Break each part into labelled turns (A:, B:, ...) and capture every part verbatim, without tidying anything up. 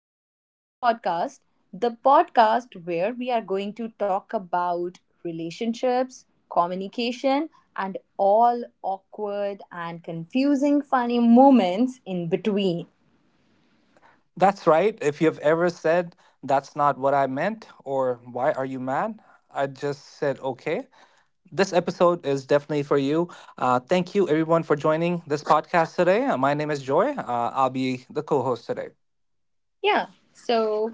A: welcome to our podcast, the podcast where we are going to talk about relationships, communication, and all awkward and confusing funny moments in between.
B: That's right. If you've ever said, that's not what I meant, or why are you mad? I just said, okay. This episode is definitely for you. Uh, thank you, everyone, for joining this podcast today. Uh, My name is Joy. Uh, I'll be the co host today.
A: Yeah, so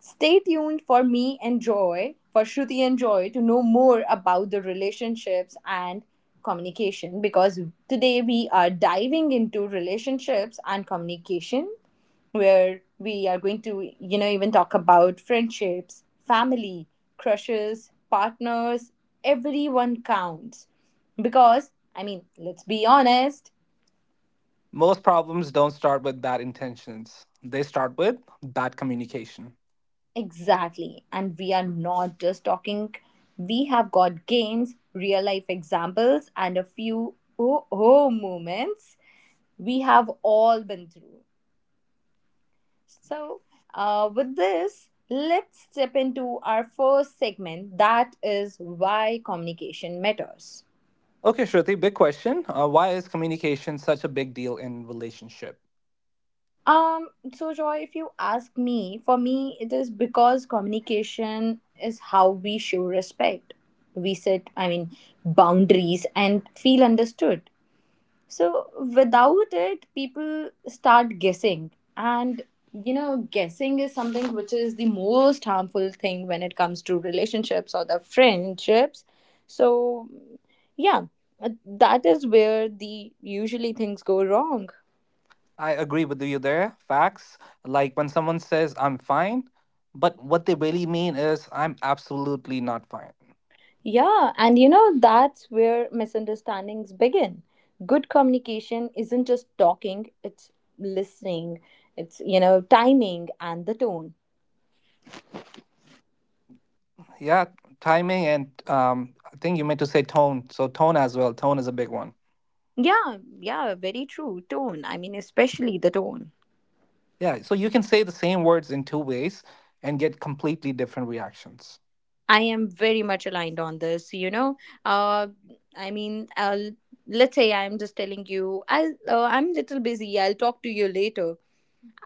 A: stay tuned for me and Joy, for Shruti and Joy, to know more about the relationships and communication because today we are diving into relationships and communication where we are going to, you know, even talk about friendships, family, crushes, partners. Everyone counts. Because, I mean, let's be honest.
B: Most problems don't start with bad intentions, they start with bad communication.
A: Exactly. And we are not just talking, we have got games, real life examples, and a few oh, oh moments we have all been through. So, uh, with this, let's step into our first segment, that is why communication matters.
B: Okay, Shruti, big question. Uh, why is communication such a big deal in relationship?
A: Um, so Joy, if you ask me, for me, it is because communication is how we show respect. We set, I mean, boundaries and feel understood. So without it, people start guessing. And, you know, guessing is something which is the most harmful thing when it comes to relationships or the friendships. So, yeah, uh, that is where the usually things go wrong.
B: I agree with you there. Facts. Like when someone says, I'm fine, but what they really mean is, I'm absolutely not fine.
A: Yeah, and you know, that's where misunderstandings begin. Good communication isn't just talking, it's listening, it's, you know, timing and the tone.
B: Yeah, timing and um, I think you meant to say tone. So, tone as well. Tone is a big one.
A: Yeah, yeah, very true. Tone. I mean, especially the tone.
B: Yeah, so you can say the same words in two ways and get completely different reactions.
A: I am very much aligned on this, you know. Uh, I mean, uh, let's say I'm just telling you, I'll, uh, I'm a little busy, I'll talk to you later.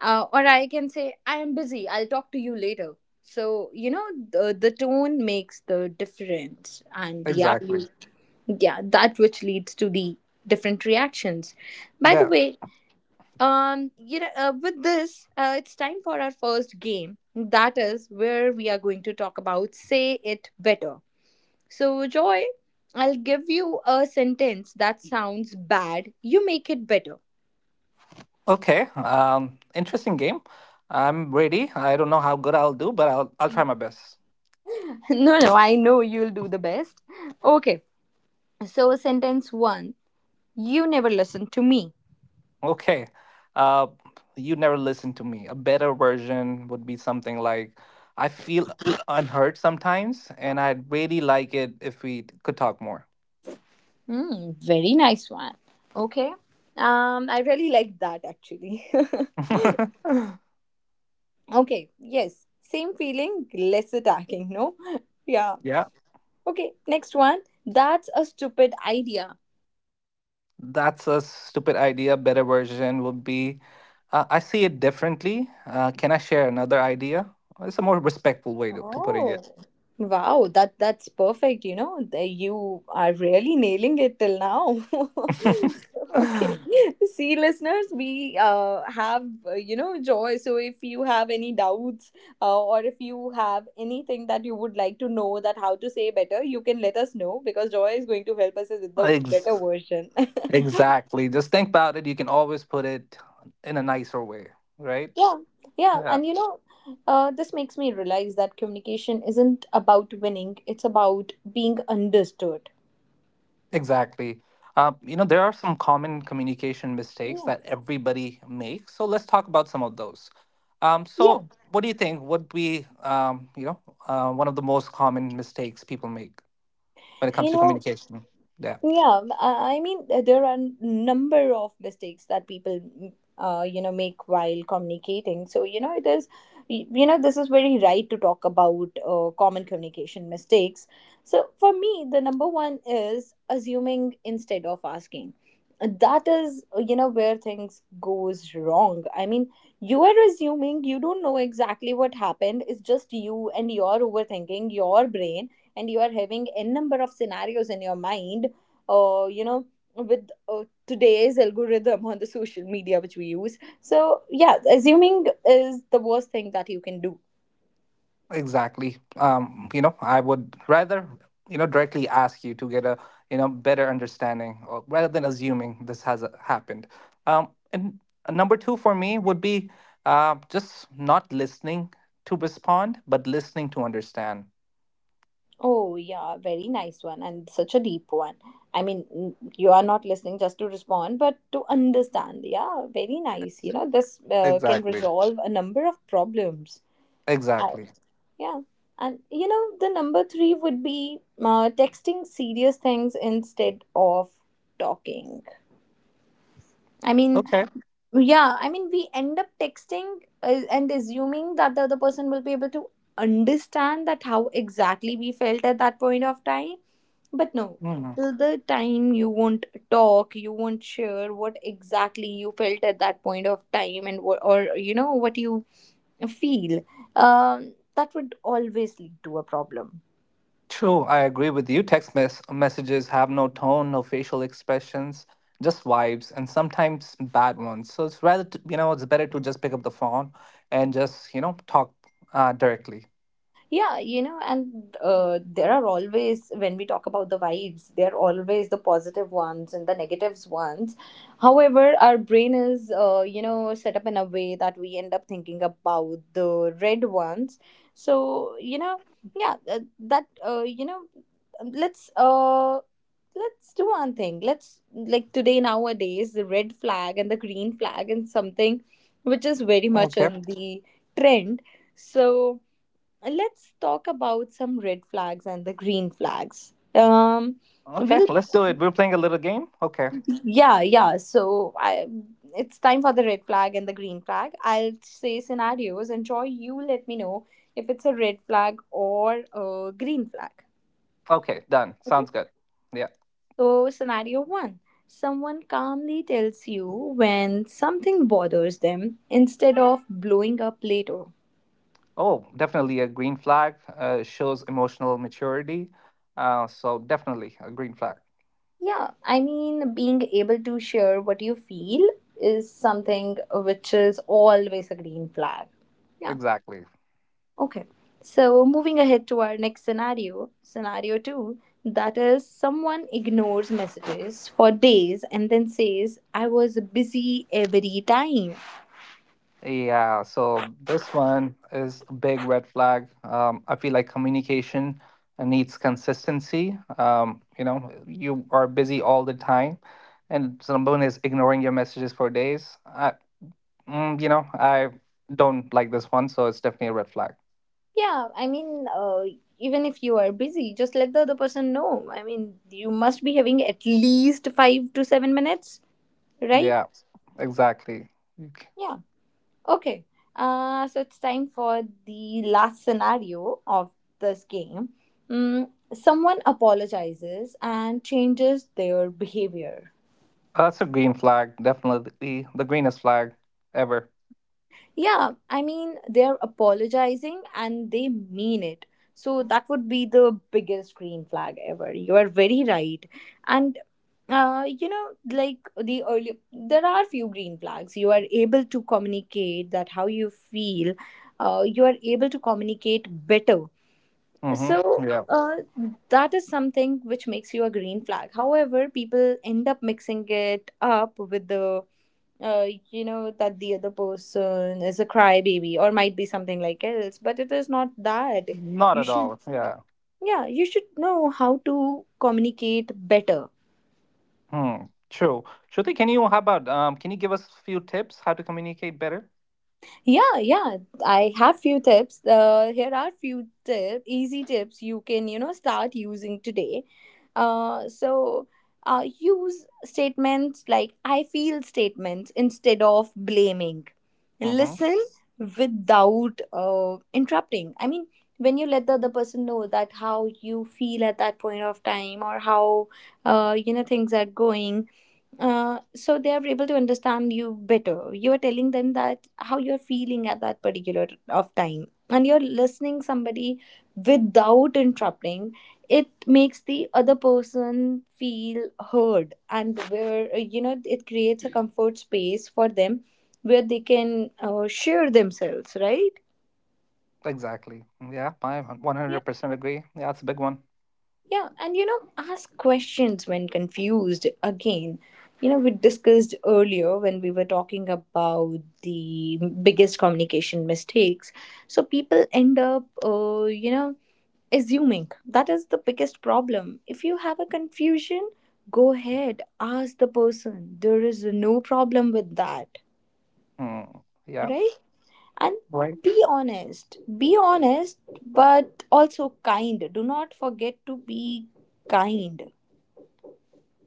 A: uh, Or I can say, I am busy, I'll talk to you later. So, you know, the, the tone makes the difference. And yeah,
B: Exactly.
A: you, yeah, that which leads to the different reactions. By the
B: Yeah.
A: way, um, you know, uh, with this, uh, it's time for our first game. That is where we are going to talk about say it better. So, Joy, I'll give you a sentence that sounds bad. You make it better.
B: Okay, um, interesting game. I'm ready. I don't know how good I'll do, but I'll I'll try my best.
A: No, no, I know you'll do the best. Okay. So, sentence one. You never listen to me.
B: Okay, uh, you never listen to me. A better version would be something like, I feel unheard sometimes, and I'd really like it if we could talk more.
A: Hmm, very nice one. Okay. Um, I really like that actually. Okay, yes. Same feeling, less attacking, no? Yeah.
B: yeah,
A: Okay, next one. That's a stupid idea.
B: that's a stupid idea. Better version would be, uh, I see it differently. Uh, can I share another idea? It's a more respectful way to, to putting
A: Oh,
B: it.
A: wow, that that's perfect, you know. the- You are really nailing it till now. Okay. See, listeners, we uh have uh, you know Joy. So if you have any doubts uh, or if you have anything that you would like to know that how to say better, you can let us know because Joy is going to help us with the better
B: Ex-
A: version.
B: Exactly. Just think about it. You can always put it in a nicer way, right?
A: Yeah. Yeah,
B: Yeah.
A: and you know, uh, this makes me realize that communication isn't about winning, it's about being understood.
B: Exactly. Uh, you know, there are some common communication mistakes that everybody makes. So let's talk about some of those. Um,
A: Yeah,
B: so, what do you think would be, um, you know, uh, one of the most common mistakes people make when it
A: you
B: comes to
A: know,
B: communication? Yeah.
A: Yeah, m- I I mean, uh, there are n- number of mistakes that people, mm, uh, you know, make while communicating. So, you know, it is, y- you know, this is very right to talk about uh, common communication mistakes. So, for me, the number one is assuming instead of asking. Uh, That is, uh, you know, where things goes wrong. I mean, you are assuming you don't know exactly what happened. It's just you and your overthinking, your brain, and you are having n number of scenarios in your mind uh, you know, with uh, today's algorithm on the social media which we use. So, yeah, assuming is the worst thing that you can do.
B: Exactly. Um, you know, I would rather, you know, directly ask you to get a, you know, better understanding or rather than assuming this has uh, happened. Um, and uh, Number two for me would be uh, just not listening to respond, but listening to understand.
A: Oh, yeah, very nice one and such a deep one. I mean, n- you are not listening just to respond, but to understand. Yeah, very nice. You know, this uh, can
B: Exactly.
A: resolve a number of problems. I,
B: Exactly.
A: yeah. And you know, the number three would be uh, texting serious things instead of talking. I mean,
B: Okay.
A: yeah, I mean, we end up texting uh, and assuming that the other person will be able to understand that how exactly we felt at that point of time. But no,
B: Hmm.
A: till the time you won't talk, you won't share what exactly you felt at that point of time and what, or you know, what you feel. Um, that would always lead to a problem.
B: True, I agree with you. Text mes- messages have no tone, no facial expressions, just vibes, and sometimes bad ones. So it's rather, to, you know, it's better to just pick up the phone and just, you know, talk uh, directly.
A: Yeah, you know, and uh, there are always, when we talk about the vibes, there are always the positive ones and the negatives ones. However, our brain is, uh, you know, set up in a way that we end up thinking about the red ones. So, you know, yeah, th- that, uh, you know, let's, uh, let's do one thing. Let's, like today, nowadays, the red flag and the green flag and something which is very much
B: Okay.
A: in the trend. So, let's talk about some red flags and the green flags. Um,
B: Okay,
A: we'll
B: let's do it. We're playing a little game. Okay.
A: yeah yeah so I it's time for the red flag and the green flag. I'll say scenarios and Joy, you let me know if it's a red flag or a green flag.
B: Okay, done.
A: Okay,
B: Sounds good. Yeah.
A: so scenario one, someone calmly tells you when something bothers them instead of blowing up later.
B: Oh, definitely a green flag uh, shows emotional maturity. Uh, so definitely a green flag.
A: Yeah, I mean, being able to share what you feel is something which is always a green flag. Yeah,
B: Exactly.
A: okay. So, moving ahead to our next scenario, scenario two, that is someone ignores messages for days and then says, I was busy every time.
B: Yeah, so this one is a big red flag. Um, I feel like communication uh, needs consistency. Um, you know, you are busy all the time, and someone is ignoring your messages for days. I, mm, you know, I don't like this one, so it's definitely a red flag.
A: Yeah, I mean, uh, even if you are busy, just let the other person know. I mean, you must be having at least five to seven minutes, right?
B: Yeah, exactly. Okay.
A: Yeah. Okay, uh, so it's time for the last scenario of this game. Mm, someone apologizes and changes their behavior.
B: That's a green flag, definitely the greenest flag ever.
A: Yeah, I mean, they're apologizing and they mean it. So that would be the biggest green flag ever. You are very right. And, uh, you know, like the earlier, there are few green flags. You are able to communicate that how you feel. Uh, you are able to communicate better.
B: Mm-hmm.
A: So
B: Yeah,
A: uh, that is something which makes you a green flag. However, people end up mixing it up with the uh, you know that the other person is a crybaby or might be something like else, but it is not that.
B: not
A: You
B: at
A: should,
B: all. Yeah.
A: yeah, you should know how to communicate better.
B: Hmm. True. Shruti, can you, how about, um, can you give us a few tips how to communicate better?
A: Yeah, yeah, I have few tips. Uh, here are few tips, easy tips you can you know start using today. Uh, so uh, Use statements like I feel statements instead of blaming.
B: Mm-hmm.
A: Listen without uh, interrupting. I mean, when you let the other person know that how you feel at that point of time or how uh, you know things are going, uh, so they are able to understand you better. You are telling them that how you're feeling at that particular of time and you're listening somebody without interrupting. It makes the other person feel heard and where uh, you know it creates a comfort space for them where they can uh, share themselves, right?
B: Exactly. Mm, yeah, I
A: Yeah.
B: one hundred percent agree. Yeah, it's a big one.
A: Yeah, and you know, ask questions when confused. Again, you know, we discussed earlier when we were talking about the biggest communication mistakes. So people end up, uh, you know, assuming that is the biggest problem. If you have a confusion, go ahead, ask the person. There is no problem with that,
B: Hmm. Yeah.
A: right? And
B: Right.
A: be honest, be honest, but also kind. Do not forget to be kind.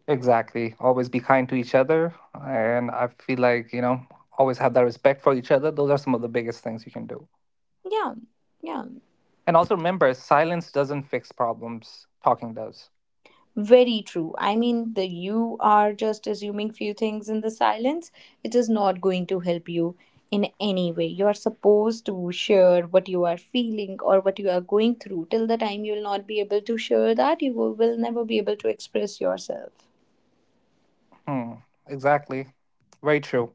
B: Exactly. Always be kind to each other. And I feel like, you know, always have that respect for each other. Those are some of the biggest things you can do.
A: Yeah, yeah,
B: And also remember, silence doesn't fix problems, talking does.
A: very true. I mean, the you are just assuming few things in the silence. It is not going to help you in any way. You are supposed to share what you are feeling or what you are going through. Till the time you will not be able to share that, you will will never be able to express yourself.
B: Hmm, exactly. Very true.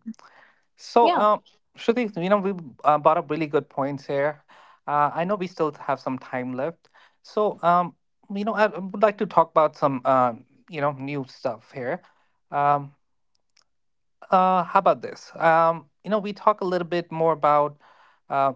B: So,
A: Yeah.
B: um, Shruti, you know, we uh, brought up really good points here. Uh, I know we still have some time left. So, um, you know, I I would like to talk about some, uh, you know, new stuff here. Um, uh, how about this? Um, you know, we talk a little bit more about, uh,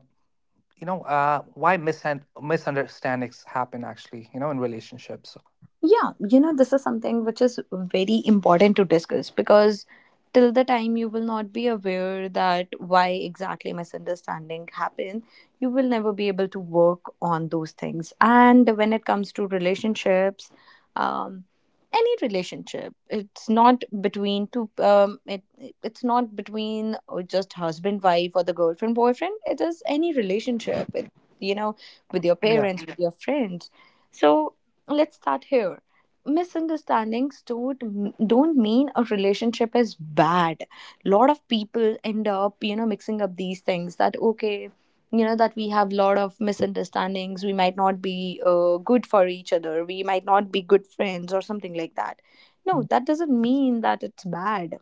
B: you know, uh, why misun misunderstandings happen actually, you know, in relationships.
A: Yeah, you know, this is something which is very important to discuss because till the time you will not be aware that why exactly misunderstanding happened, you will never be able to work on those things. And when it comes to relationships, um, any relationship, it's not between two. Um, it it's not between uh, just husband wife or the girlfriend boyfriend. It is any relationship. It, you know, with your
B: Yeah,
A: parents, with your friends. So let's start here. Misunderstandings don't don't mean a relationship is bad. Lot of people end up, you know, mixing up these things that okay, you know, that we have lot of misunderstandings. We might not be uh, good for each other. We might not be good friends or something like that. No, that doesn't mean that it's bad.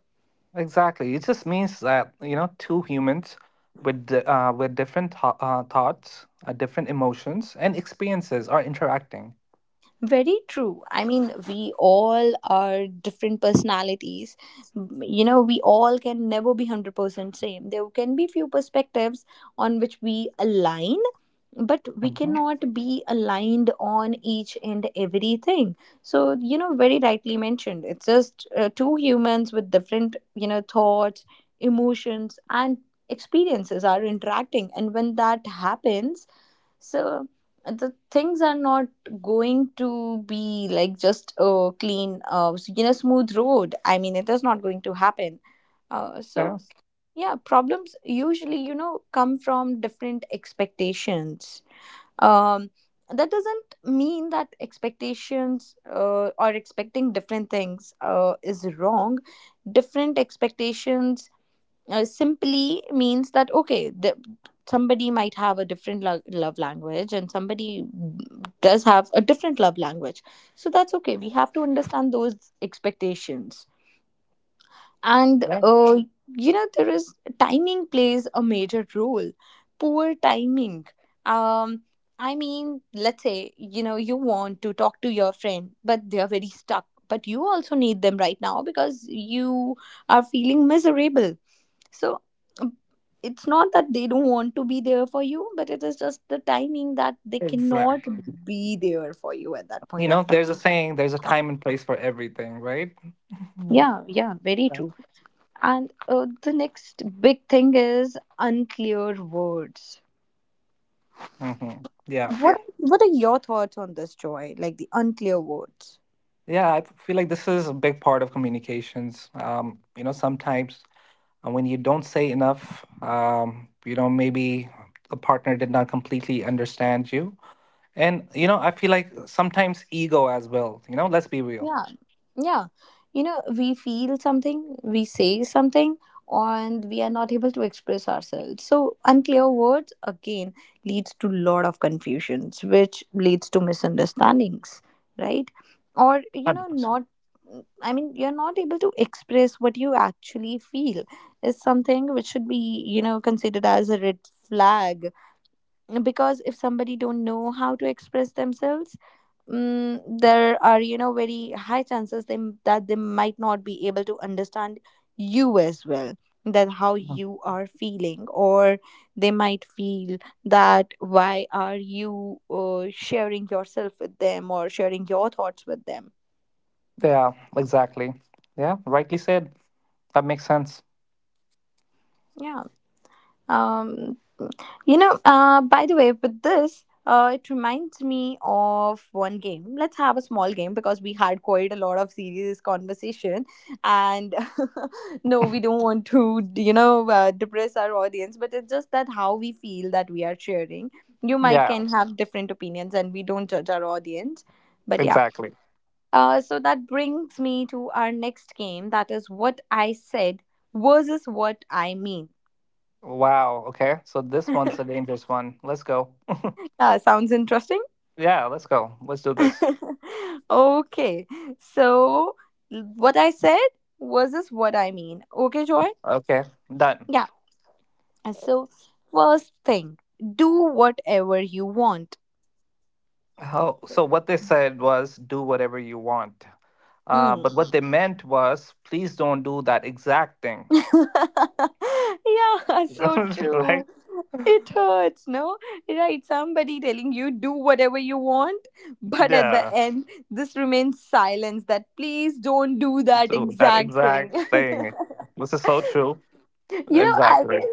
B: exactly. It just means that, you know, two humans with di- uh, with different tho- uh, thoughts, uh, different emotions, and experiences are interacting.
A: Very true. I mean, we all are different personalities. M- You know, we all can never be one hundred percent same. There can be few perspectives on which we align, but we
B: Hmm.
A: cannot be aligned on each and everything. So, you know, very rightly mentioned. It's just uh, two humans with different, you know, thoughts, emotions, and experiences are interacting. And when that happens, so the things are not going to be like just a clean uh, s- you know, smooth road. I mean, it is not going to happen. uh, so
B: Yes.
A: yeah, problems usually, you know, come from different expectations. um that doesn't mean that expectations, uh, or expecting different things uh, is wrong. Different expectations uh, simply means that okay, the, somebody might have a different lo- love language, and somebody does have a different love language. So that's okay, we have to understand those expectations. And
B: Yeah.
A: uh, you know, there is timing plays a major role. Poor timing. um I mean, let's say, you know, you want to talk to your friend but they are very stuck. But you also need them right now because you are feeling miserable. So um, it's not that they don't want to be there for you, but it is just the timing that they cannot
B: Exactly.
A: be there for you at that
B: You
A: point
B: know,
A: of
B: there's a
A: time.
B: saying, there's a time and place for everything, right? Mhm.
A: Yeah, yeah, very
B: Yeah.
A: true. And uh, the next big thing is unclear words.
B: Hmm. Yeah.
A: What what are your thoughts on this, Joy? Like the unclear words?
B: Yeah, I feel like this is a big part of communications. Um, you know, sometimes and when you don't say enough, um, you know, maybe the partner did not completely understand you. And, you know, I feel like sometimes ego as well, you know, let's be real.
A: Yeah, yeah. You know, we feel something, we say something, and we are not able to express ourselves. So unclear words again leads to lot of confusions, which leads to misunderstandings, right? Or you know,
B: one hundred percent.
A: not. I mean, you're not able to express what you actually feel is something which should be, you know, considered as a red flag. Because if somebody don't know how to express themselves, mm, there are, you know, very high chances they, that they might not be able to understand you as well, that how you are feeling, or they might feel that why are you uh, sharing yourself with them or sharing your thoughts with them.
B: Yeah, exactly. Yeah, rightly said. That makes sense.
A: Yeah. um You know, uh, by the way, with this, uh, it reminds me of one game. Let's have a small game because we had quite a lot of serious conversation, and no, we don't want to, you know, uh, depress our audience. But it's just that how we feel that we are sharing. You might
B: Yeah,
A: can have different opinions, and we don't judge our audience. But yeah,
B: exactly.
A: uh, so that brings me to our next game. That is what I said versus what I mean.
B: Wow. Okay. So this
A: Yeah,
B: one's a dangerous one. Let's go.
A: sounds interesting.
B: Yeah, let's go. Let's do this.
A: Okay. So what I said versus what I mean. Okay, Joy?
B: Okay, done.
A: Yeah. Uh, So first thing, do whatever you want.
B: How, so what they said was do whatever you want. Uh,
A: Hmm.
B: but what they meant was please don't do that exact thing.
A: Yeah, so
B: right?
A: true. It hurts, no? Right, somebody telling you do whatever you want, but at the
B: Yeah.
A: end, this remains silence that please don't do that
B: So that
A: exact thing.
B: exact thing. This is so true.
A: You know, i
B: Exactly.
A: guess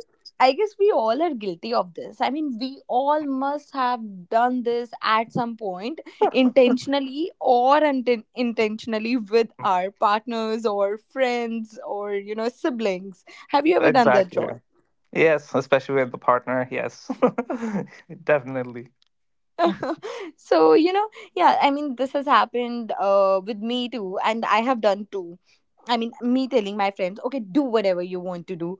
A: i guess we all are guilty of this. I mean, we all must have done this at some point, intentionally or unintentionally, intentionally with our partners or friends or, you know, siblings. Have you ever done that,
B: Exactly.
A: Joy?
B: Yes, especially with the partner. Yes. Definitely.
A: So you know, yeah, I mean, this has happened uh, with me too, and I have done too. I mean, me telling my friends, okay, do whatever you want to do,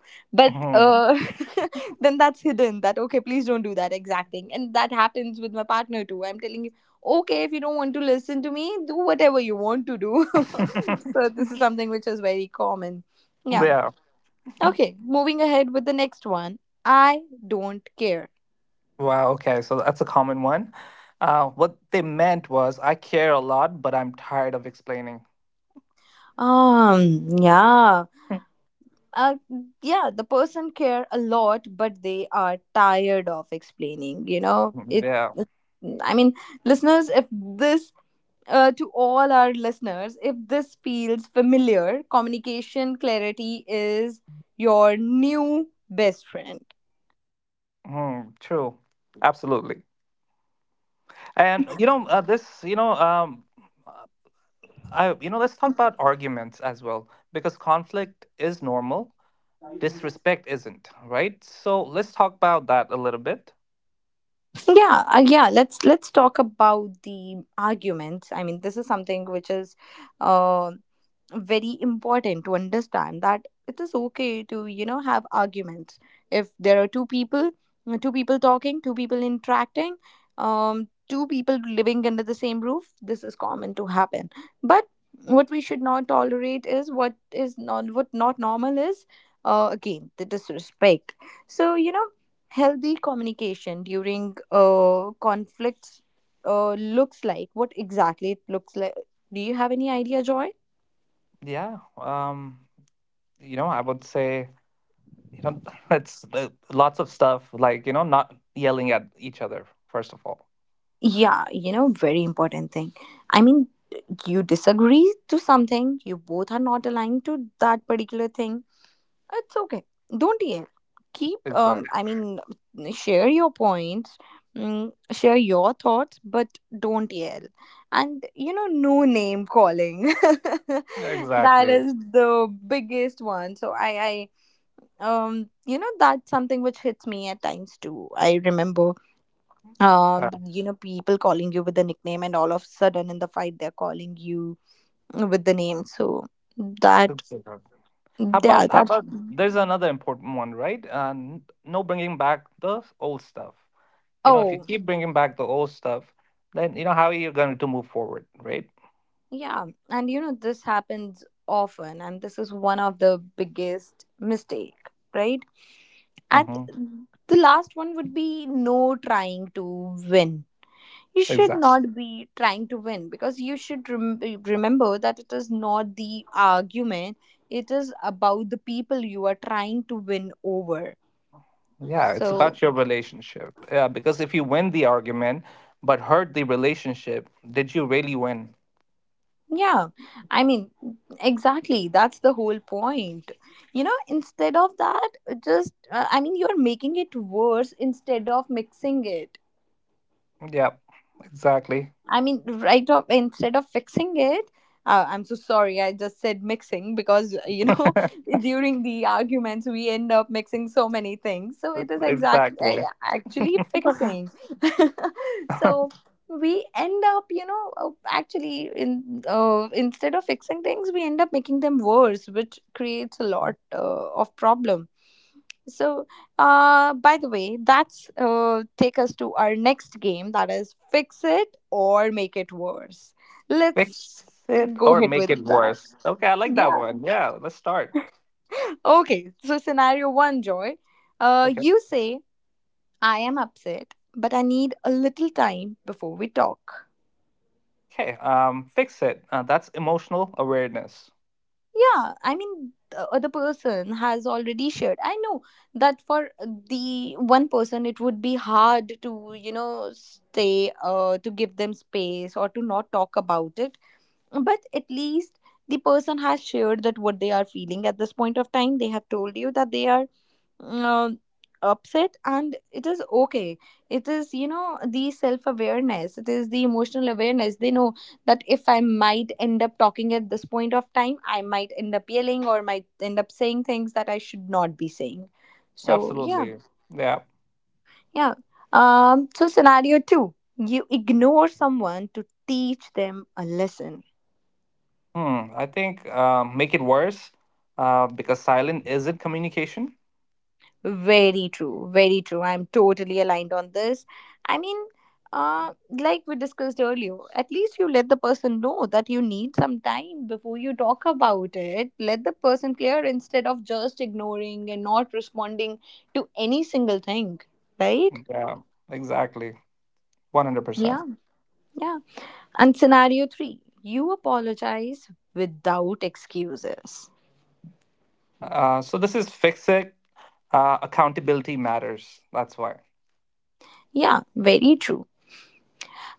A: but
B: Mhm.
A: uh, then that's hidden, that okay, please don't do that exact thing. And that happens with my partner too, I'm telling you, okay, if you don't want to listen to me, do whatever you want to do. So this is something which is very common. Yeah.
B: yeah.
A: Okay. Moving ahead with the next one. I don't care.
B: Wow. Okay. So that's a common one. Uh, what they meant was I care a lot, but I'm tired of explaining.
A: Um, yeah. uh, yeah, the person care a lot, but they are tired of explaining. You know, it.
B: yeah.
A: it- I mean, listeners, if this, uh, to all our listeners, if this feels familiar, communication clarity is your new best friend.
B: Hmm. True. Absolutely.
A: I mean,
B: And you know, uh, this, you know, um, uh, I, you know, Let's talk about arguments as well, because conflict is normal, disrespect isn't, right? So let's talk about that a little bit.
A: yeah, uh, yeah. Let's let's talk about the arguments. I mean, this is something which is, um very important to understand that it is okay to, you know, have arguments if there are two people, uh, two people talking, two people interacting, um two people living under the same roof. This is common to happen. But what we should not tolerate is, what is not, what not normal is, uh, again, the disrespect. So you know, healthy communication during uh, conflicts uh, looks like, what exactly it looks like. Do you have any idea, Joy?
B: Yeah. Um, you know, I would say, you know, it's uh, lots of stuff like, you know, not yelling at each other, first of all.
A: Yeah, you know, very important thing. I mean, you disagree to something, you both are not aligned to that particular thing. It's okay. Don't yell. Keep, um,
B: Exactly.
A: I mean, share your points, mm, share your thoughts, but don't yell. And, you know, no name calling. That
B: Exactly.
A: is the biggest one. So I, I, um, you know, that's something which hits me at times too. I remember,
B: Yeah.
A: um you know, people calling you with the nickname, and all of a sudden in the fight they're calling you with the name, so that,
B: Exactly. How about
A: yeah,
B: how
A: that,
B: about there's another important one, right? Uh, n- no bringing back the old stuff. You know, if you
A: oh
B: keep bringing back the old stuff, then you know how you're going to move forward, right?
A: yeah, and you know, this happens often, and this is one of the biggest mistake, right? And
B: Mm-hmm.
A: the last one would be no trying to win. You should
B: Exactly.
A: not be trying to win because you should rem- remember that it is not the argument, it is about the people you are trying to win over.
B: Yeah, it's
A: So
B: about your relationship. Yeah, because if you win the argument but hurt the relationship, did you really win?
A: yeah, I mean, exactly, that's the whole point. You know, instead of that, just uh, I mean, you're making it worse instead of mixing it.
B: Yeah, exactly.
A: I mean, right off, instead of fixing it, uh, I'm so sorry, I just said mixing because, uh, you know, during the arguments, we end up mixing so many things. So it is exactly
B: exactly.
A: actually fixing. So we end up, you know, uh, actually, in uh, instead of fixing things, we end up making them worse, which creates a lot uh, of problem. So uh, by the way, that's uh, take us to our next game, that is fix it or make it worse. Let's
B: Fix it
A: go
B: or
A: ahead
B: make it
A: with that.
B: worse. Okay, I like that
A: Yeah.
B: one. Yeah, let's start.
A: Okay. So scenario one, Joy. Uh,
B: Okay.
A: you say, I am upset, but I need a little time before we talk.
B: Okay, um, fix it. Uh, that's emotional awareness.
A: Yeah, I mean, the other person has already shared. I know that for the one person it would be hard to, you know, stay, uh, to give them space or to not talk about it, but at least the person has shared that what they are feeling at this point of time, they have told you that they are uh, upset, and it is okay. It is, you know, the self awareness, it is the emotional awareness. They know that if I might end up talking at this point of time, I might end up yelling or might end up saying things that I should not be saying. So yeah,
B: Absolutely. Yeah.
A: yeah. Um so scenario two, you ignore someone to teach them a lesson.
B: Hmm. I think um, make it worse uh, because silent isn't communication.
A: Very true, very true. I'm totally aligned on this. I mean, uh, like we discussed earlier, at least you let the person know that you need some time before you talk about it. Let the person clear instead of just ignoring and not responding to any single thing, right?
B: Yeah, exactly.
A: Yeah,
B: one hundred percent.
A: yeah. And scenario three, you apologize without excuses.
B: Uh, so this is fix it. Uh, accountability matters. That's why.
A: Yeah, very true.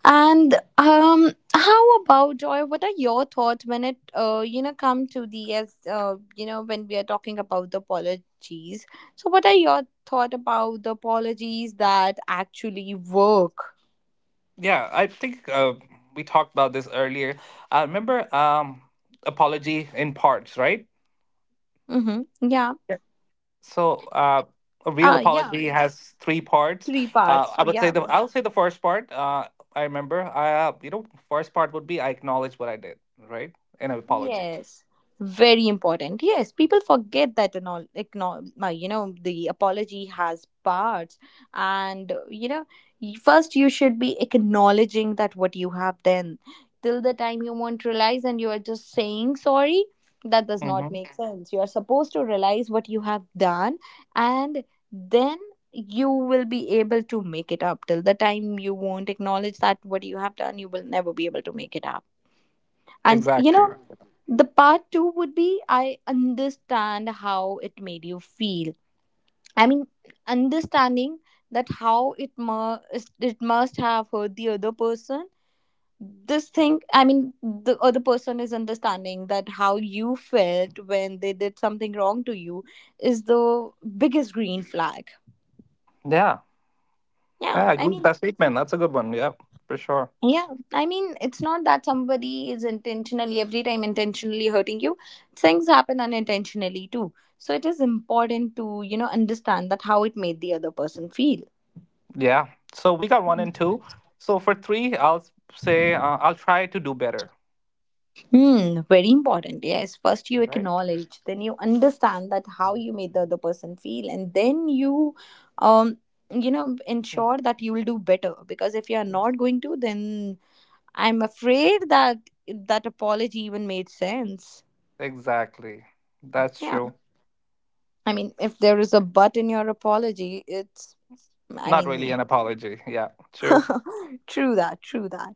A: And um, how about, Joy? What are your thoughts when it, uh, you know, come to the, as, uh, you know, when we are talking about the apologies? So, what are your thought about the apologies that actually work?
B: Yeah, I think uh, we talked about this earlier. I remember um, apology in parts, right?
A: Mm-hmm. Yeah.
B: So, uh, a real
A: Uh yeah.
B: apology has three parts.
A: Three
B: Uh,
A: parts.
B: I would say
A: Yeah.
B: the I'll say the first part. Uh, I remember. Uh, you know, first part would be I acknowledge what I did, right? In an apology.
A: Yes, very important. Yes, people forget that and all. Ignore, uh, you know, the apology has parts, and, uh, you know, y- first you should be acknowledging that what you have done. Till the time you won't realize, and you are just saying sorry, that does not
B: Mm-hmm.
A: make sense. You are supposed to realize what you have done, and then you will be able to make it up. Till the time you won't acknowledge that what you have done, you will never be able to make it up. And you
B: Exactly.
A: know, the part two would be, I understand how it made you feel. I mean, understanding that how it must it must have hurt the other person. This thing, I mean, the other person is understanding that how you felt when they did something wrong to you is the biggest green flag.
B: Yeah.
A: Yeah,
B: Yeah. I
A: I
B: agree with
A: mean,
B: that statement. That's a good one. Yeah, for sure.
A: Yeah, I mean, it's not that somebody is intentionally every time intentionally hurting you. Things happen unintentionally too. So it is important to, you know, understand that how it made the other person feel.
B: Yeah. So we got one and two. So for three, I'll s- say uh, I'll try to do better.
A: Hmm, very important. Yes, first you
B: All right.
A: acknowledge, then you understand that how
B: Um,
A: you made the other person feel, and then you, um, you know,
B: y-
A: ensure that you will do better. Because if you are
B: it's-
A: not going to, then I'm afraid that that apology even made sense.
B: Exactly. That's
A: Yeah.
B: true.
A: I mean, if there is a but in your apology, it's, I
B: Not really
A: mean,
B: an apology. Yeah. True.
A: true that, true that.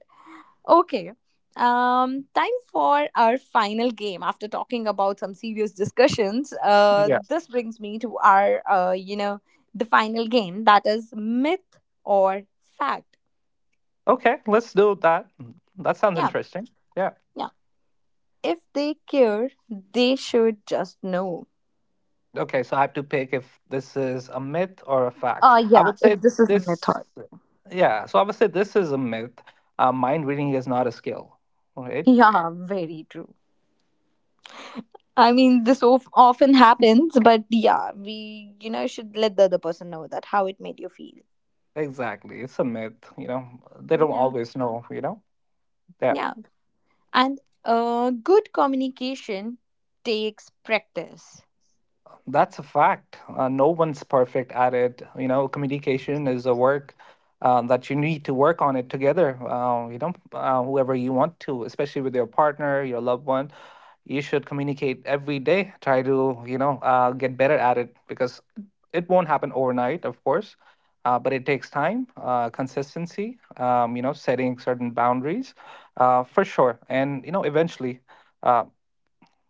A: Okay. Um, time for our final game. After talking about some serious discussions, uh,
B: Yeah.
A: this brings me to our, uh, you know, the final game, that is myth or fact.
B: Okay, let's do that. That sounds
A: Yeah,
B: interesting. Yeah.
A: yeah. If they care, they should just know.
B: Okay, so I have to pick if this is a myth or a fact.
A: Uh,
B: I
A: yeah,
B: would say
A: if this is a
B: this,
A: method.
B: yeah, so I would say this is a myth. Uh, mind reading is not a skill, right?
A: Yeah, very true. I mean, this of- often happens, but yeah, we, you know, should let the other person know that how it made you feel.
B: Exactly. It's a myth, you know. They don't
A: Yeah,
B: always know, you know? Yeah.
A: yeah. And uh, good communication takes practice.
B: That's a fact. Uh, no one's perfect at it. You know, communication is a work uh, that you need to work on it together. Uh, you know, uh, whoever you want to, especially with your partner, your loved one, you should communicate every day. Try to, you know, uh, get better at it because it won't happen overnight, of course, uh, but it takes time, uh, consistency, um, you know, setting certain boundaries uh, for sure. And, you know, eventually. uh,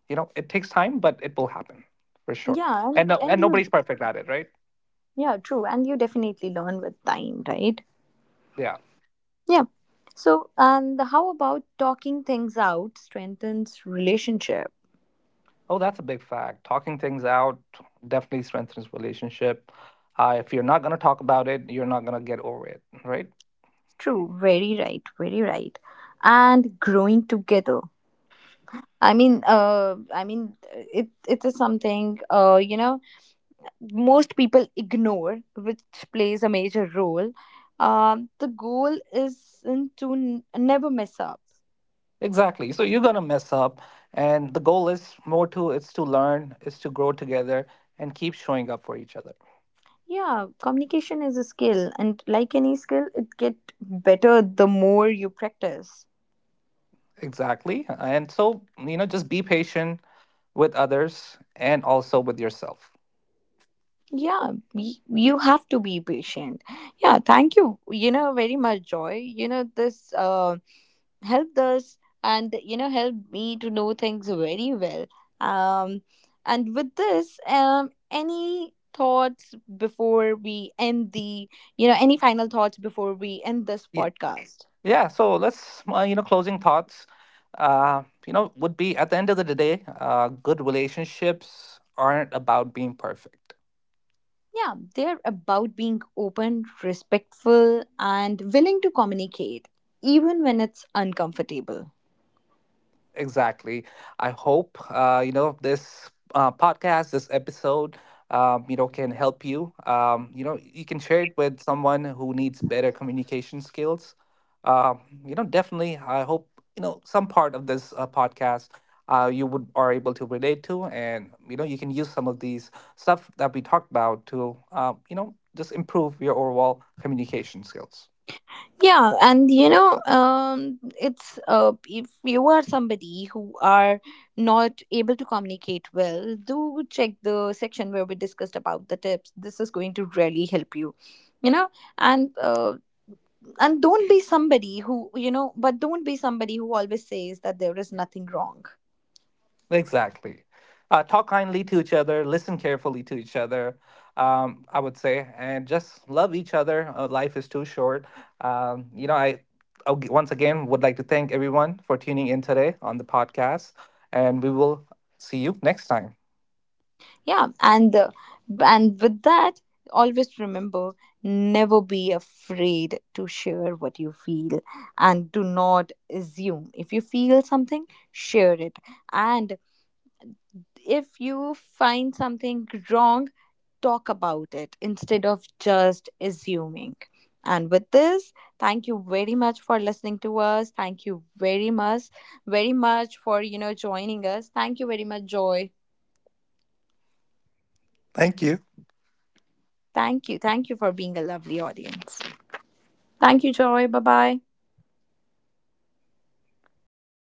B: you know, it takes time but it will happen for sure.
A: Yeah,
B: And
A: and,
B: no,
A: and
B: and
A: you,
B: nobody's perfect at it, right?
A: yeah, true. And you definitely learn with time, right?
B: Yeah.
A: Yeah. So, and how about, talking things out strengthens relationship?
B: Oh, that's a big fact. Talking things out definitely strengthens relationship. Uh, if you're not going to talk about it, you're not going to get over it, right?
A: True, very right, very right. And growing together. I mean, uh, I mean, it it is something, uh, you know, most people ignore, which plays a major role. Um, the goal isn't to n- never mess up.
B: Exactly, so you're going to mess up, and the goal is more to, it's to learn, is to grow together and keep showing up for each other.
A: Yeah, communication is a skill, and like any skill, it get better the more you practice.
B: Exactly, and so you know, just be patient with others and also with yourself.
A: Yeah, y- you have to be patient. Yeah, thank you. You know very much, Joy. You know this. Uh, helped us, and you know, helped me to know things very well. um and with this, um any thoughts before we end the, you know, any final thoughts before we end this podcast?
B: Yeah, so let's, uh, you know, closing thoughts, uh, you know, would be at the end of the day, uh, good relationships aren't about being perfect.
A: Yeah, they're about being open, respectful, and willing to communicate even when it's uncomfortable.
B: Exactly. I hope uh, you know this uh, podcast, this episode, um, you know, can help you. Um, you know, you can share it with someone who needs better communication skills. Um, you know, definitely. I hope you know some part of this uh, podcast uh, you would are able to relate to, and you know, you can use some of these stuff that we talked about to uh, you know just improve your overall communication skills.
A: Yeah, and you know, um it's, uh if you are somebody who are not able to communicate well, do check the section where we discussed about the tips. This is going to really help you, you know. And uh, and don't be somebody who, you know, but don't be somebody who always says that there is nothing wrong.
B: Exactly. Uh, talk kindly to each other, listen carefully to each other, um, I would say, and just love each other. Uh, life is too short. Um, you know, I ag- once again would like to thank everyone for tuning in today on the podcast, and we will see you next time.
A: Yeah, and uh, and with that, always remember, never be afraid to share what you feel. And do not assume. If you feel something, share it. And if you find something wrong, talk about it instead of just assuming. And with this, thank you very much for listening to us. Thank you very much, very much for, you know, joining us. Thank you very much, Joy.
B: Thank you.
A: Thank you, thank you for being a lovely audience. Thank you, Joy. Bye bye.